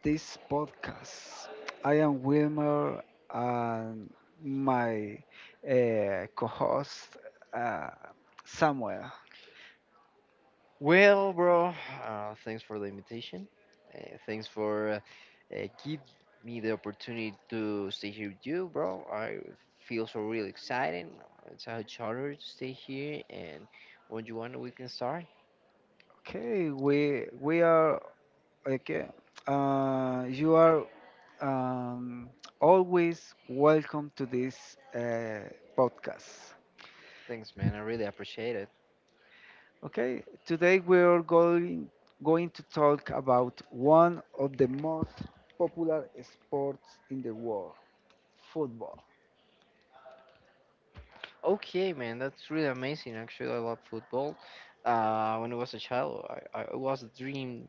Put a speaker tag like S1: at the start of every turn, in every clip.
S1: this podcast. I am Wilmer, and my co-host uh, Samuel.
S2: Well, bro, thanks for the invitation. Thanks for give me the opportunity to stay here with you, bro. I feel so really excited. It's a huge honor to stay here, and when you want, we can start.
S1: Okay, we are okay. You are um, always welcome to this podcast.
S2: Thanks, man. I really appreciate it.
S1: Okay, today we're going to talk about one of the most popular sports in the world, football.
S2: Okay, man, that's really amazing. Actually, I love football. When I was a child, I it was a dream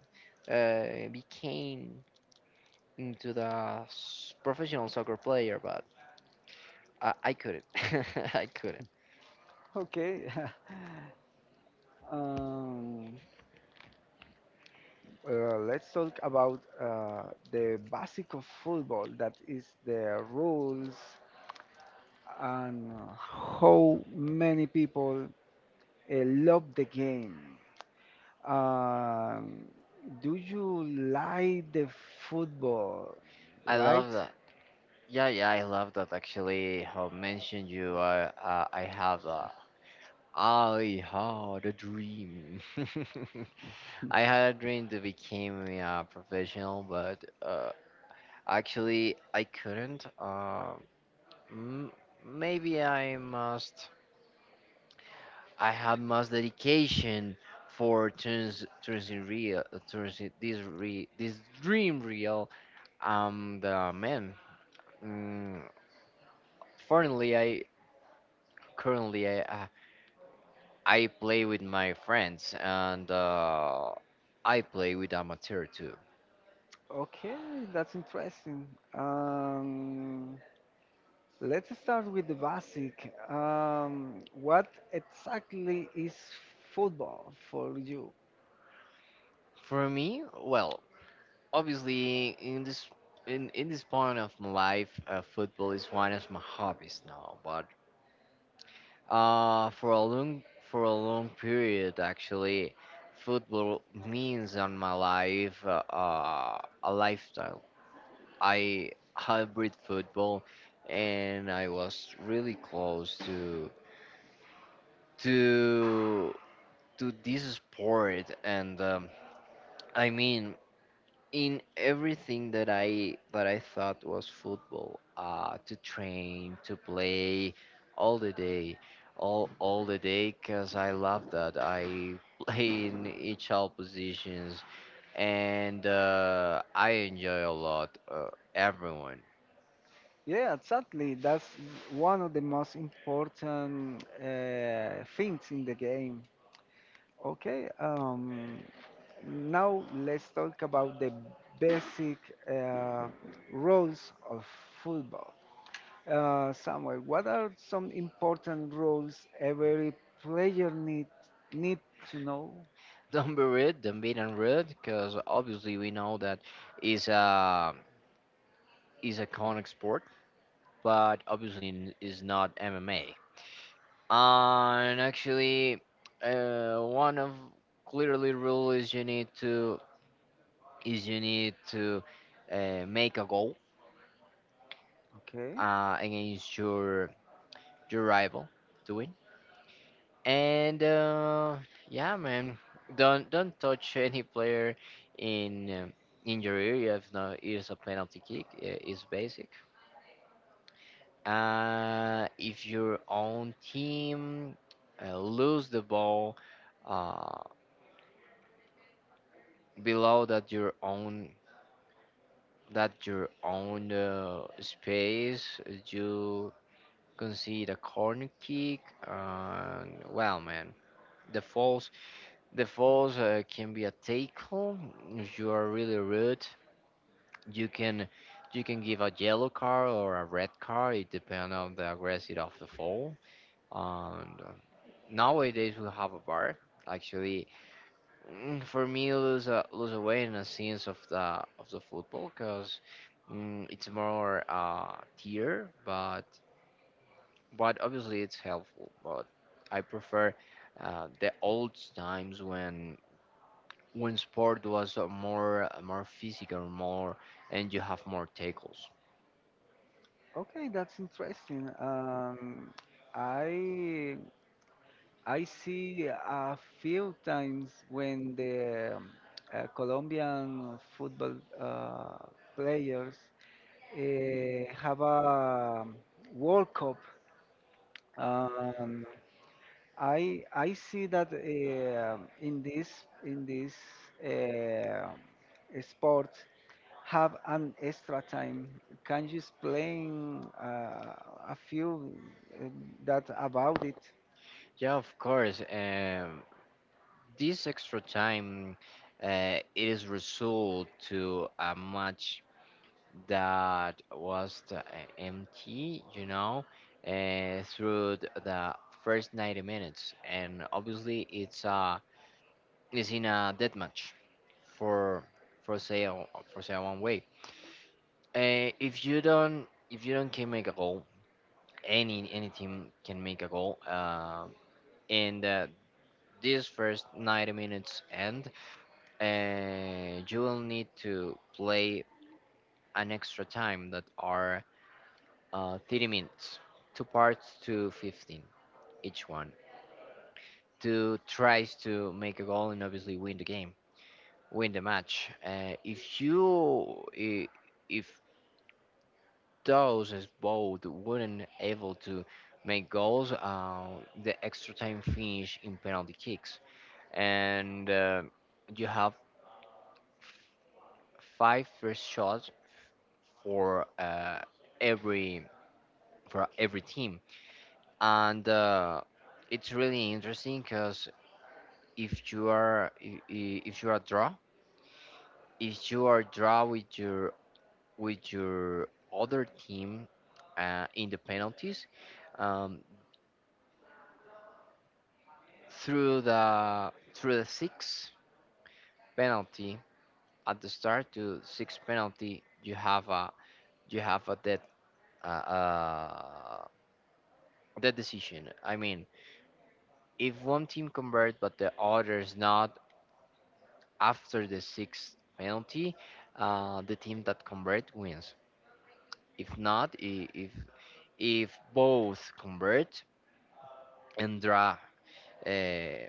S2: became into the professional soccer player, but I couldn't. I couldn't.
S1: Okay, um, let's talk about the basic of football, that is the rules and how many people love the game. Um, do you like the football,
S2: I
S1: right?
S2: love that. Yeah, yeah, I love that. Actually, how mentioned you, I had a dream. I had a dream to become a professional, but actually, I couldn't. M- Maybe I must. I have must dedication for turns it real, turns it- this re, this dream real. Um, the man. Mm, Fortunately, I currently I play with my friends and I play with amateur too.
S1: Okay, that's interesting. Um, let's start with the basic. What exactly is football for you?
S2: For me, well, obviously in this point of my life, football is one of my hobbies now. But for a long period, actually, football means on my life a lifestyle. I hybrid football, and I was really close to to this sport and I mean in everything that I thought was football, to train, to play all the day, all the day because I love that. I play in each all positions and, I enjoy a lot, everyone.
S1: Yeah, exactly. That's one of the most important things in the game. Okay, now let's talk about the basic uh, rules of football. Samuel, what are some important rules every player need to know?
S2: Don't be rude, because obviously we know that is a is a conic sport, but obviously is not MMA. And actually, one of clearly rule is you need to is you need to make a goal
S1: Okay.
S2: against your rival to win. And yeah, man, don't touch any player in um, in your area, if not it's a penalty kick. It's basic. If your own team lose the ball uh, below that your own space, you can see the corner kick. And well, man, the falls the falls can be a tackle. If you are really rude, you can you can give a yellow card or a red card. It depends on the aggressive of the fall. And nowadays we have a bar, actually. Mm, for me, lose away in a sense of the football because, mm, it's more tier, but obviously it's helpful. But I prefer the old times when sport was more physical, more, and you have more tackles.
S1: Okay, that's interesting. I I see a few times when the Colombian football uh, players have a World Cup. Um, I see that in this uh, sport have an extra time. Can you explain a few uh, that about it?
S2: Yeah, of course. This extra time, it is result to a match that was the, empty, you know, through the first 90 minutes, and obviously it's in a death match for for sale for sale one way. If you don't if you don't can make a goal, any team can make a goal. And This first 90 minutes end, you will need to play an extra time that are 30 minutes, two parts to 15 each one. Two tries to make a goal and obviously win the game, win the match. If you, I- If those as both weren't able to make goals, the extra time finish in penalty kicks, and you have f- five first shots for every for every team, and it's really interesting because if you are I- if you are draw if you are draw with your other team in the penalties. um, Through the six penalty, at the start to six penalty, you have a dead, uh, uh, dead decision. I mean, if one team convert but the others not, after the sixth penalty, the team that convert wins. If not I- If both convert and draw, uh,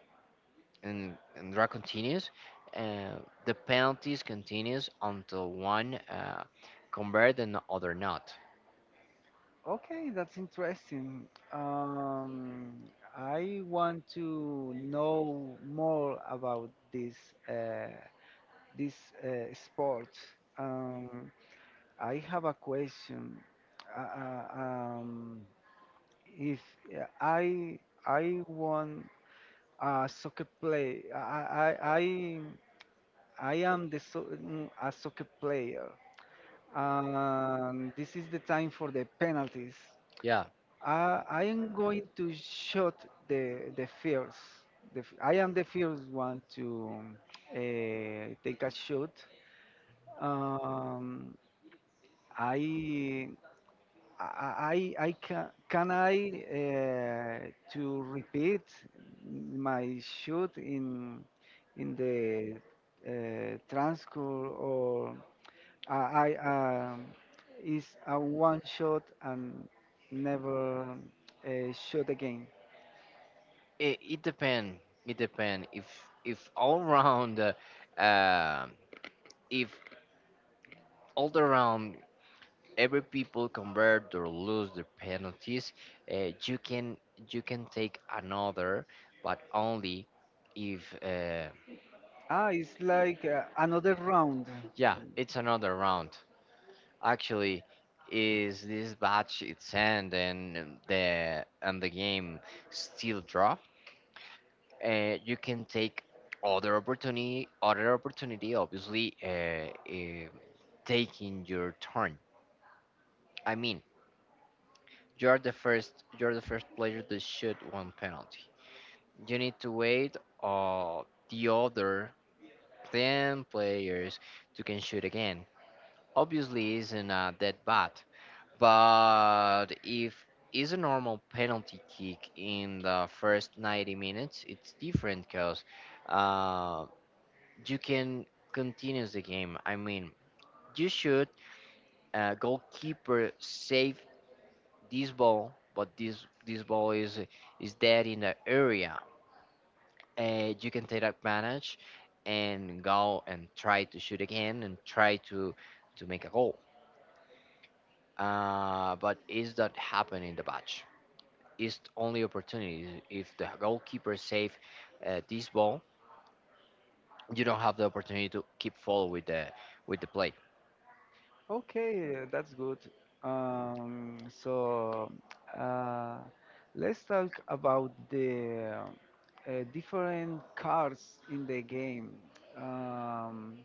S2: and draw continues, uh, the penalties continues until one, convert and the other not.
S1: Okay, that's interesting. I want to know more about uh, this sport. Um, I have a question. Uh, uh, um, If yeah, I want a soccer play, I am the a soccer player, and this is the time for the penalties.
S2: Yeah,
S1: I am going to shoot the first. I am the first one to take a shot. Um, I I can I to repeat my shoot in in the transcript or I, um, is a one shot and never shot again.
S2: it, it depend it depend if all round, um, if all the round, every people convert or lose their penalties, uh, you can you can take another, but only if.
S1: Ah, it's like another round.
S2: Yeah, it's another round. Actually, is this batch, it's end, and the game still drop, you can take other opportunity, obviously, taking your turn. I mean, you're the first player to shoot one penalty, you need to wait uh, the other 10 players to can shoot again. Obviously isn't a dead bat. But if is a normal penalty kick in the first 90 minutes, it's different because uh, you can continue the game. I mean, you should, goalkeeper save this ball, but this ball is dead in the area. You can take advantage and go and try to shoot again and try to make a goal. But is that happen in the match, is only opportunity. If the goalkeeper save this ball, you don't have the opportunity to keep foul with the play.
S1: Okay, that's good. So uh, let's talk about the different cards in the game. Um,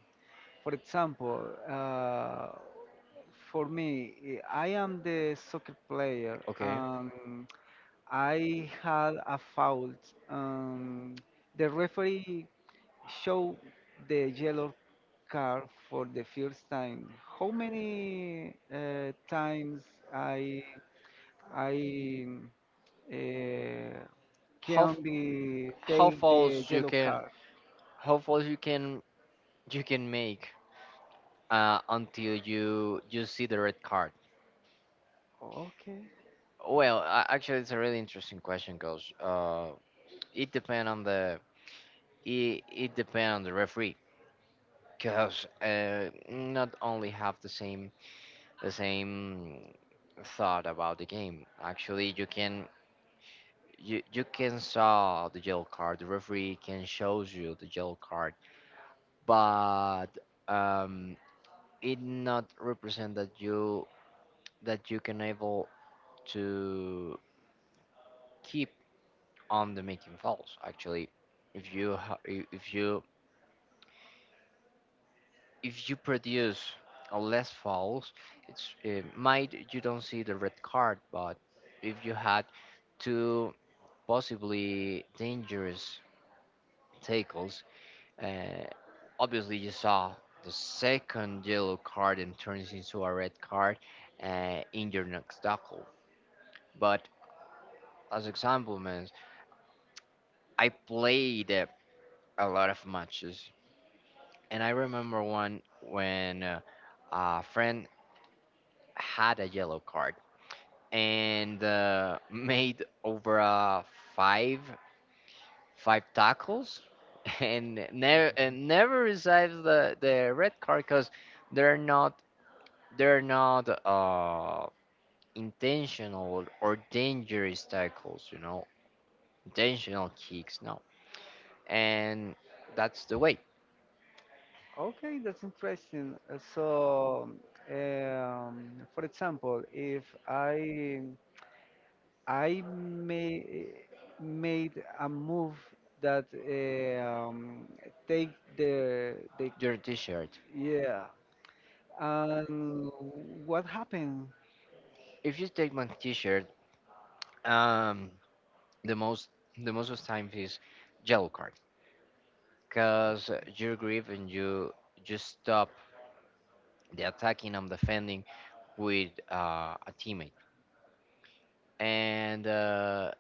S1: for example, uh, for me, I am the soccer player
S2: Okay,
S1: and I had a foul. Um, the referee show the yellow card for the first time. How many times I I uh,
S2: how
S1: can
S2: f-
S1: be
S2: how
S1: take the
S2: fouls
S1: yellow card?
S2: you can make until you see the red card.
S1: Okay,
S2: Well, actually, it's a really interesting question, because, it depend on the it depend on the referee, cause not only have the same thought about the game. Actually, you you can saw the yellow card. The referee can shows you the yellow card, but um, it not represent that you can able to keep on the making fouls. Actually, if you ha- I- if you produce a less fouls, it's it might you don't see the red card, but if you had two possibly dangerous tackles. Uh, Obviously, you saw the second yellow card and turns into a red card in your next tackle. But as example, man, I played a lot of matches, and I remember one when a friend had a yellow card and, made over a five five tackles and never receives the red card because they're not they're not intentional or dangerous tackles, you know, intentional kicks, no. And that's the way.
S1: okay, that's interesting. So, for example, if I may made a move that take the
S2: Your t-shirt.
S1: yeah. And what happened?
S2: If you take my t-shirt, um, the most the most of the time is yellow card because you grip and you just stop the attacking and defending with, a teammate. And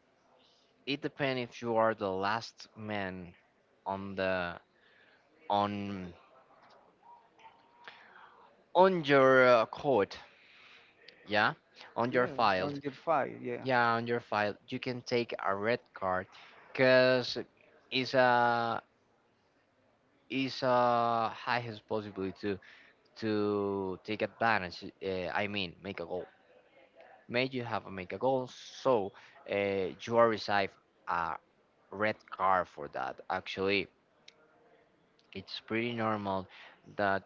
S2: it depends if you are the last man on the on on your court. Yeah, on your
S1: Yeah,
S2: file.
S1: on your file, yeah.
S2: Yeah, on your file, you can take a red card because it's a is a highest possibility to take advantage. I mean, make a goal. May you have a make a goal. So you are receive a red card for that. Actually, it's pretty normal that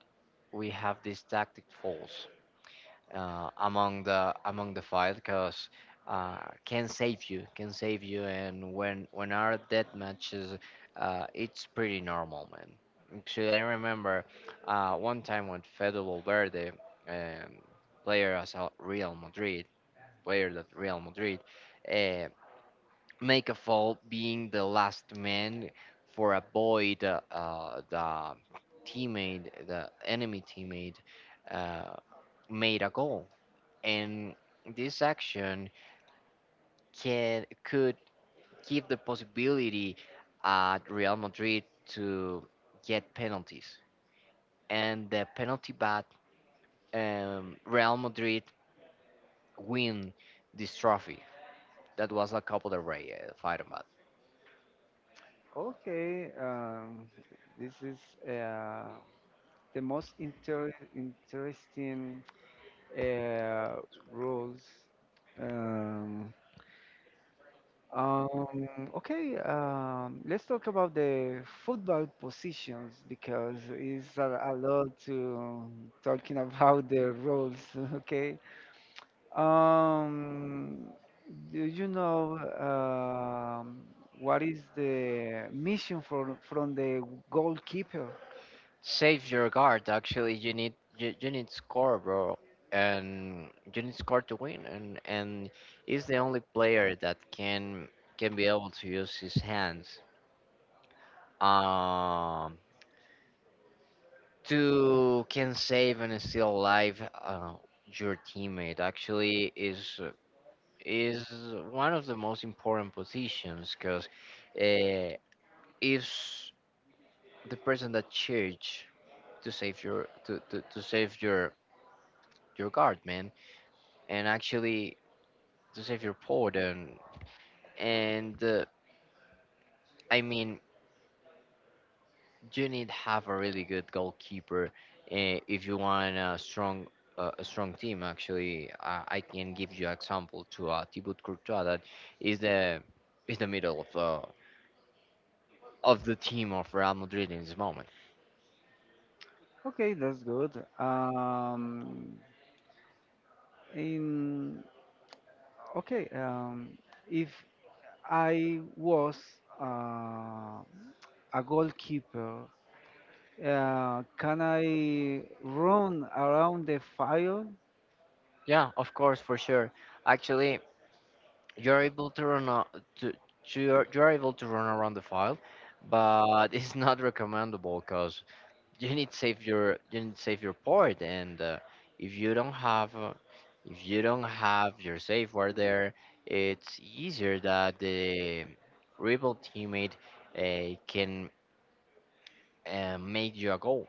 S2: we have these tactic falls among the fight because uh, can save you, and when our death matches, it's pretty normal, man. Actually, I remember one time when Fede Valverde, um, player as a Real Madrid player that Real Madrid, uh, make a fault being the last man for avoid the teammate, the enemy teammate, uh, made a goal. And this action can could give the possibility at Real Madrid to get penalties. And the penalty bat, Real Madrid win this trophy. That was a couple of Rey, fight about.
S1: Okay, this is uh, the most interesting uh, roles. Um, um, okay, let's talk about the football positions because it's a lot to talking about the roles. Okay, Um, do you know what is the mission for from the goalkeeper?
S2: Save your guard. Actually, you need score, bro, and you need score to win. And he's the only player that can be able to use his hands um to can save and still alive your teammate. Actually, is one of the most important positions because uh, is the person that church to save your to save your guard, man, and actually to save your port and and uh, I mean you need to have a really good goalkeeper, if you want a strong, a strong team. Actually, I can give you example to, Thibaut Courtois, that is the is the middle of the team of Real Madrid in this moment.
S1: Okay, that's good. Um, in okay, um, if I was uh, a goalkeeper, can I run around the fire.
S2: Yeah, of course, for sure. Actually, you're able to to, you're able to run around the file, but it's not recommendable because you need to save your port and, if you don't have, if you don't have your save word there, it's easier that the rebel teammate can make you a goal.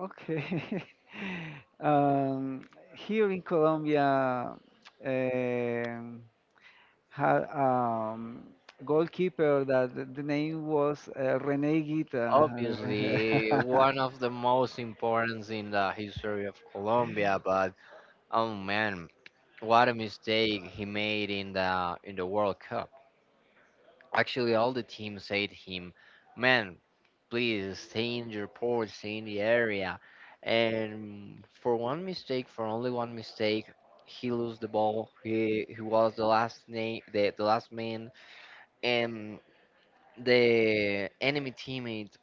S1: Okay. Um, here in Colombia, um, had goalkeeper that the name was Rene Guita.
S2: Obviously, one of the most important in the history of Colombia. But oh, man, what a mistake he made in the World Cup. Actually, all the team said to him, "Man, please stay in your port, stay in the area." And for one mistake, for only one mistake, he lost the ball. He was the last name, the last man, and the enemy teammate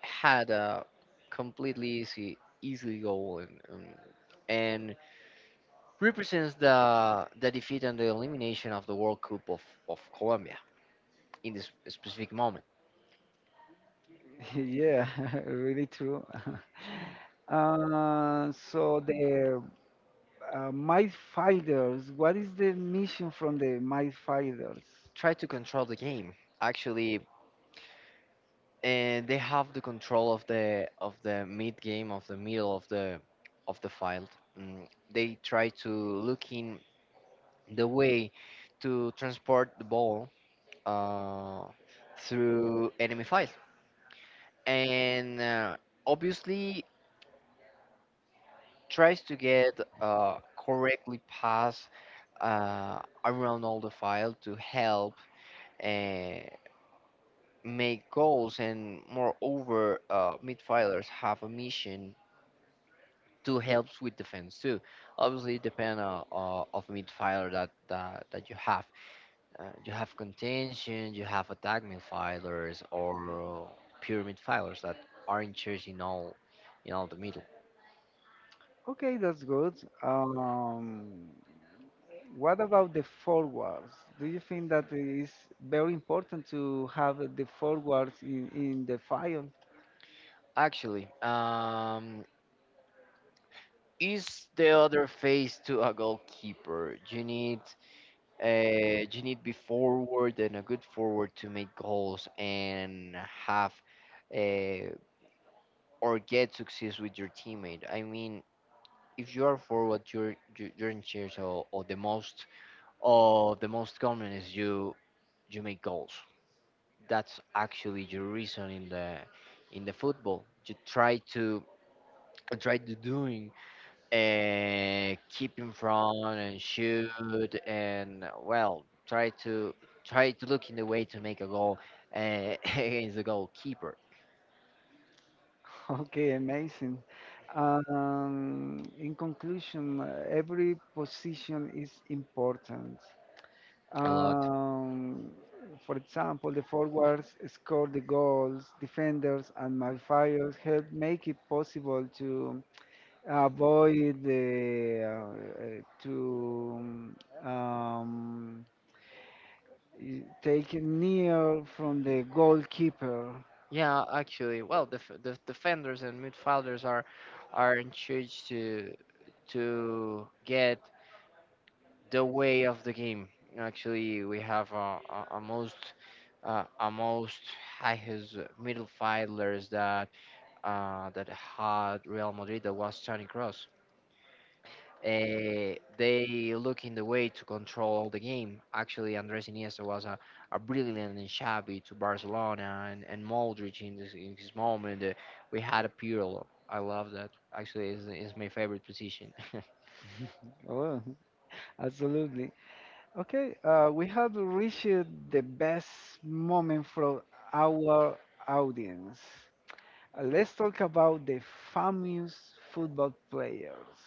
S2: had a completely easy goal, and represents the defeat and the elimination of the World Cup of Colombia in this specific moment.
S1: Yeah, really true. So the midfielders, what is the mission from the midfielders?
S2: Try to control the game, actually, and they have the control of the mid game, of the middle of the field. mm, they try to look in the way to transport the ball, uh, through enemy field, and obviously tries to get, correctly pass, uh, around all the file, to help, uh, make goals. And moreover, midfielders have a mission to help with defense too. Obviously, it depends on, of midfielder that, that you have. You have contention, you have attack midfielders, or, pure midfielders that are in charge in all, in all the middle.
S1: Okay, that's good. Um, What about the forwards? Do you think that it is very important to have the forwards in the file?
S2: Actually, is the other face to a goalkeeper. You need, you need be forward and a good forward to make goals and have, uh, or get success with your teammate. I mean, if you are forward, you're in charge of the most, of the most common is you, you make goals. That's actually your reason in the football. You try to try to doing, keep in front and shoot, and well, try to, try to look in the way to make a goal, against the goalkeeper.
S1: Okay, amazing. In conclusion, every position is important.
S2: A lot.
S1: Um, for example, the forwards score the goals, defenders and midfielders help make it possible to avoid the to um, you take near from the goalkeeper.
S2: Yeah, actually, well, the defenders and midfielders are in charge to get the way of the game. Actually, we have a most, a most highest middle fielders that, that had Real Madrid, that was Toni Kroos. They look in the way to control the game. Actually, Andres Iniesta was a brilliant and shabby to Barcelona, and Modric in this moment. We had a Pirlo. I love that. Actually, is my favorite position.
S1: Oh, absolutely. Okay, we have reached the best moment from our audience. Let's talk about the famous football players.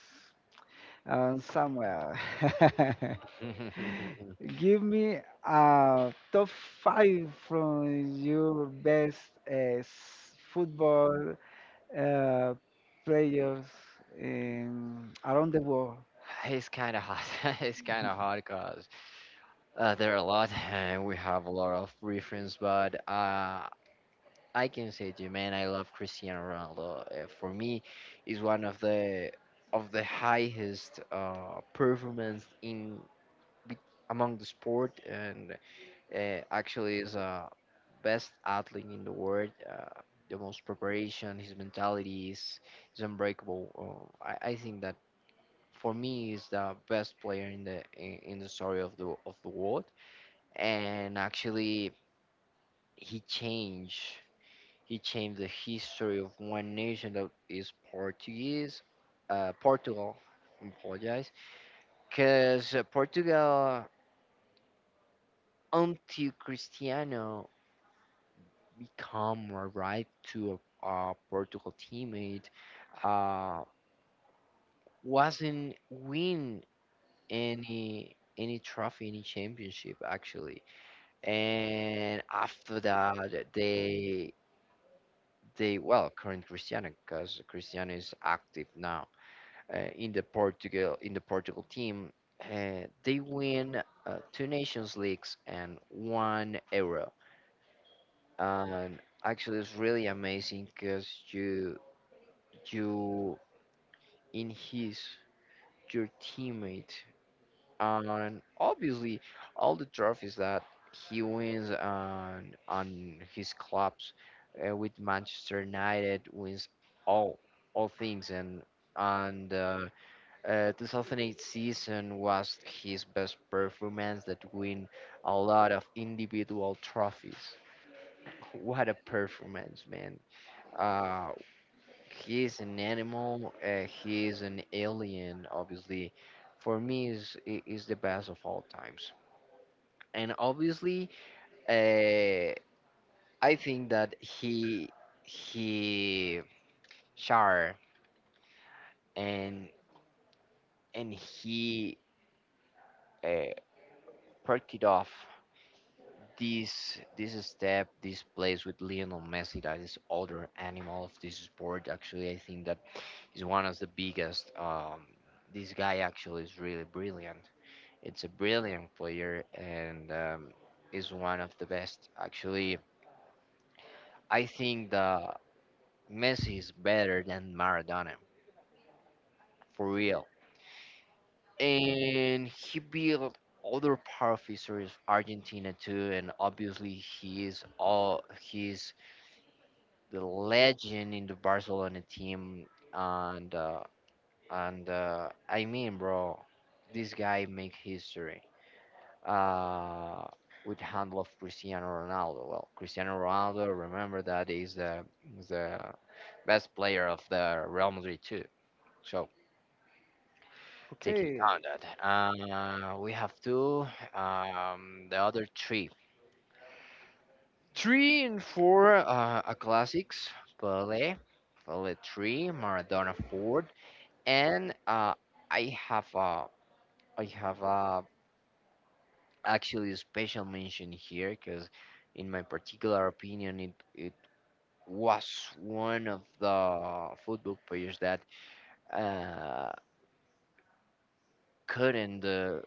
S1: Samuel, give me a top five from your best uh, s- football uh, players in, around the world.
S2: It's kind of hot. It's kind of hot because, there are a lot, and we have a lot of reference. But, I can say to you, man, I love Cristiano Ronaldo. For me, is one of the highest, performance in, be- among the sport, and, actually is a best athlete in the world. The most preparation, his mentality is unbreakable. I think that for me is the best player in the in the story of the world. And actually, he changed. He changed the history of one nation that is Portuguese, Portugal. I apologize, because Portugal, until Cristiano become a right to a Portugal teammate, uh, wasn't win any trophy, any championship actually. And after that, they well current Cristiano, because Cristiano is active now, in the Portugal, in the Portugal team. They win, two Nations Leagues and one Euro. And actually, it's really amazing because you in his, your teammate, and obviously all the trophies that he wins on his clubs, with Manchester United wins all all things. And 2008 season was his best performance, that win a lot of individual trophies. What a performance, man. Uh, he is an animal. He is an alien, obviously. For me, is is the best of all times. And obviously, uh, I think that he shar and and he uh, perked it off this, this step, this place with Lionel Messi, that is other animal of this sport. Actually, I think that is one of the biggest. This guy actually is really brilliant. It's a brilliant player, and, is one of the best. Actually, I think that Messi is better than Maradona, for real. And he built other power figures of Argentina too. And obviously, he is all, he's the legend in the Barcelona team, and uh, and I mean, bro, this guy make history. Uh, with handle of Cristiano Ronaldo. Well, Cristiano Ronaldo, remember that is the best player of the Real Madrid too. So take into
S1: Okay,
S2: account that. We have two. The other three, three and four, are classics. Pele, Pele three, Maradona four. And, I have a, I have a, actually, a special mention here because, in my particular opinion, it was one of the football players that, uh, couldn't,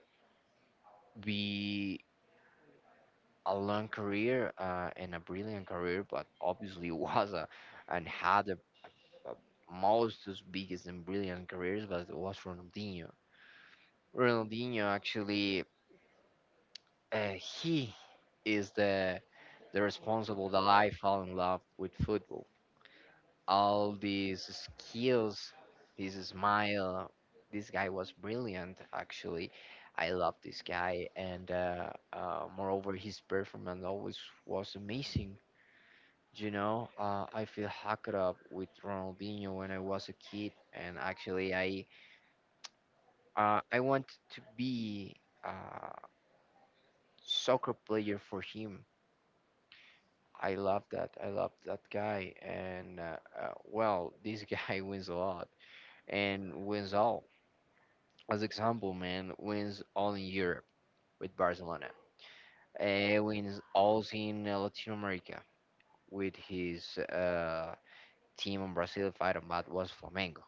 S2: be a long career, and a brilliant career, but obviously was a, and had a most biggest and brilliant careers, but it was Ronaldinho. Ronaldinho, actually, he is the responsible that I fall in love with football. All these skills, this smile, this guy was brilliant. Actually, I love this guy, and, moreover, his performance always was amazing. You know, I feel hacked up with Ronaldinho when I was a kid, and actually, I, I want to be a soccer player for him. I love that. I love that guy. And, well, this guy wins a lot and wins all. As example, man, wins all in Europe with Barcelona. Wins all in, Latin America with his, team in Brazil. If I don't bad, was Flamengo.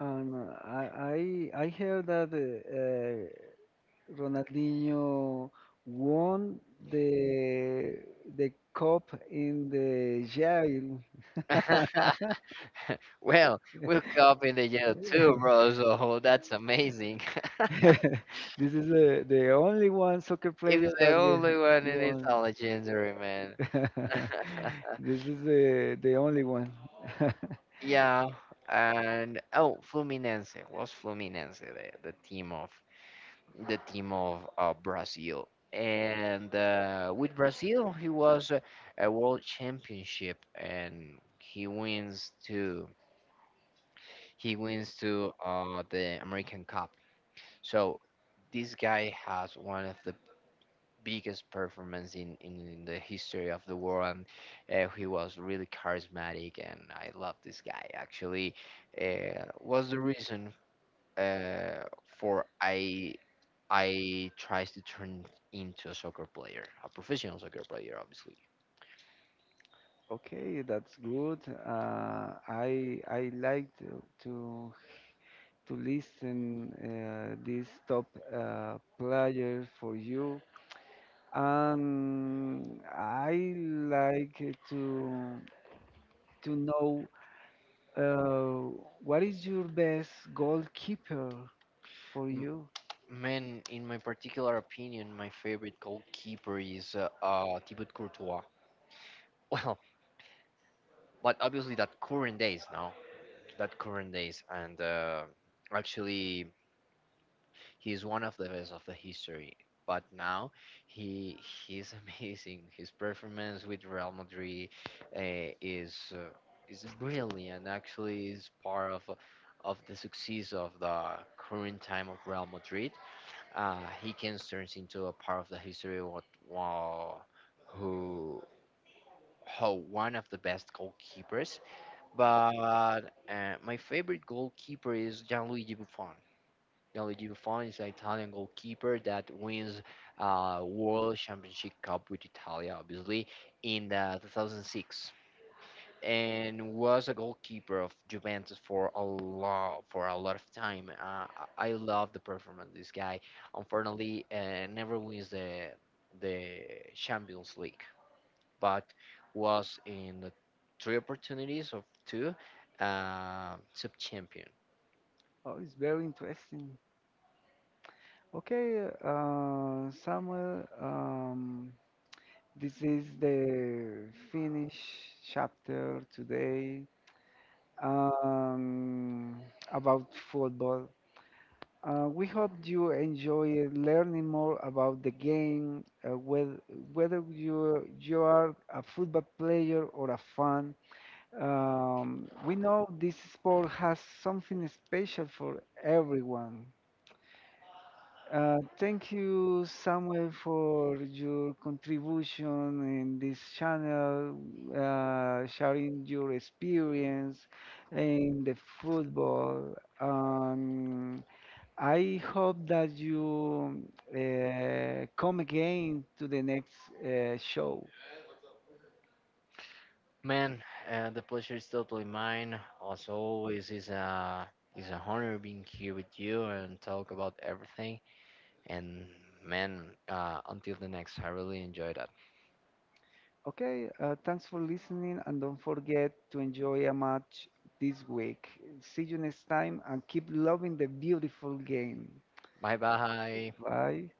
S1: and I heard that Ronaldinho won the the cup in the jail.
S2: Well, World Cup in the year too, bro. So that's amazing.
S1: This is the only one soccer
S2: He's
S1: player
S2: the
S1: that we
S2: only one in his
S1: won.
S2: legendary, man.
S1: This is the only one.
S2: Yeah, and oh, Fluminense was Fluminense, the team of the team of, Brazil. And, with Brazil, he was a world championship, and he wins to, the American Cup. So this guy has one of the biggest performance in the history of the world. And, he was really charismatic, and I love this guy. Actually, was the reason, uh, for I tries to turn into a soccer player, a professional soccer player, obviously.
S1: Okay, that's good. I like to listen this top player for you, and I like to to know uh, what is your best goalkeeper for
S2: M-
S1: you.
S2: Man, in my particular opinion, my favorite goalkeeper is, Thibaut Courtois. Well, but obviously that current days now, that current days and actually, he's one of the best of the history. But now he he's amazing. His performance with Real Madrid, uh, is uh, is brilliant. Actually, is part of the success of the current time of Real Madrid. He can turn into a part of the history. What, wow, who, how, one of the best goalkeepers. But, my favorite goalkeeper is Gianluigi Buffon. Gianluigi Buffon is an Italian goalkeeper that wins, World Championship Cup with Italia, obviously, in the 2006, and was a goalkeeper of Juventus for a lot of time. I love the performance of this guy. Unfortunately, never wins the the Champions League, but was in the three opportunities of two, sub.
S1: Oh, it's very interesting. Okay, Samuel. This is the finish chapter today, um, about football. We hope you enjoy learning more about the game, whether you are a football player or a fan. We know this sport has something special for everyone. Thank you, Samuel, for your contribution in this channel, sharing your experience in the football. I hope that you come again to the next show.
S2: Man, the pleasure is totally mine. As always, it's an honor being here with you and talk about everything. And man, until the next, I really enjoy that.
S1: Okay, thanks for listening and don't forget to enjoy a match this week. See you next time and keep loving the beautiful game.
S2: Bye bye.
S1: Bye.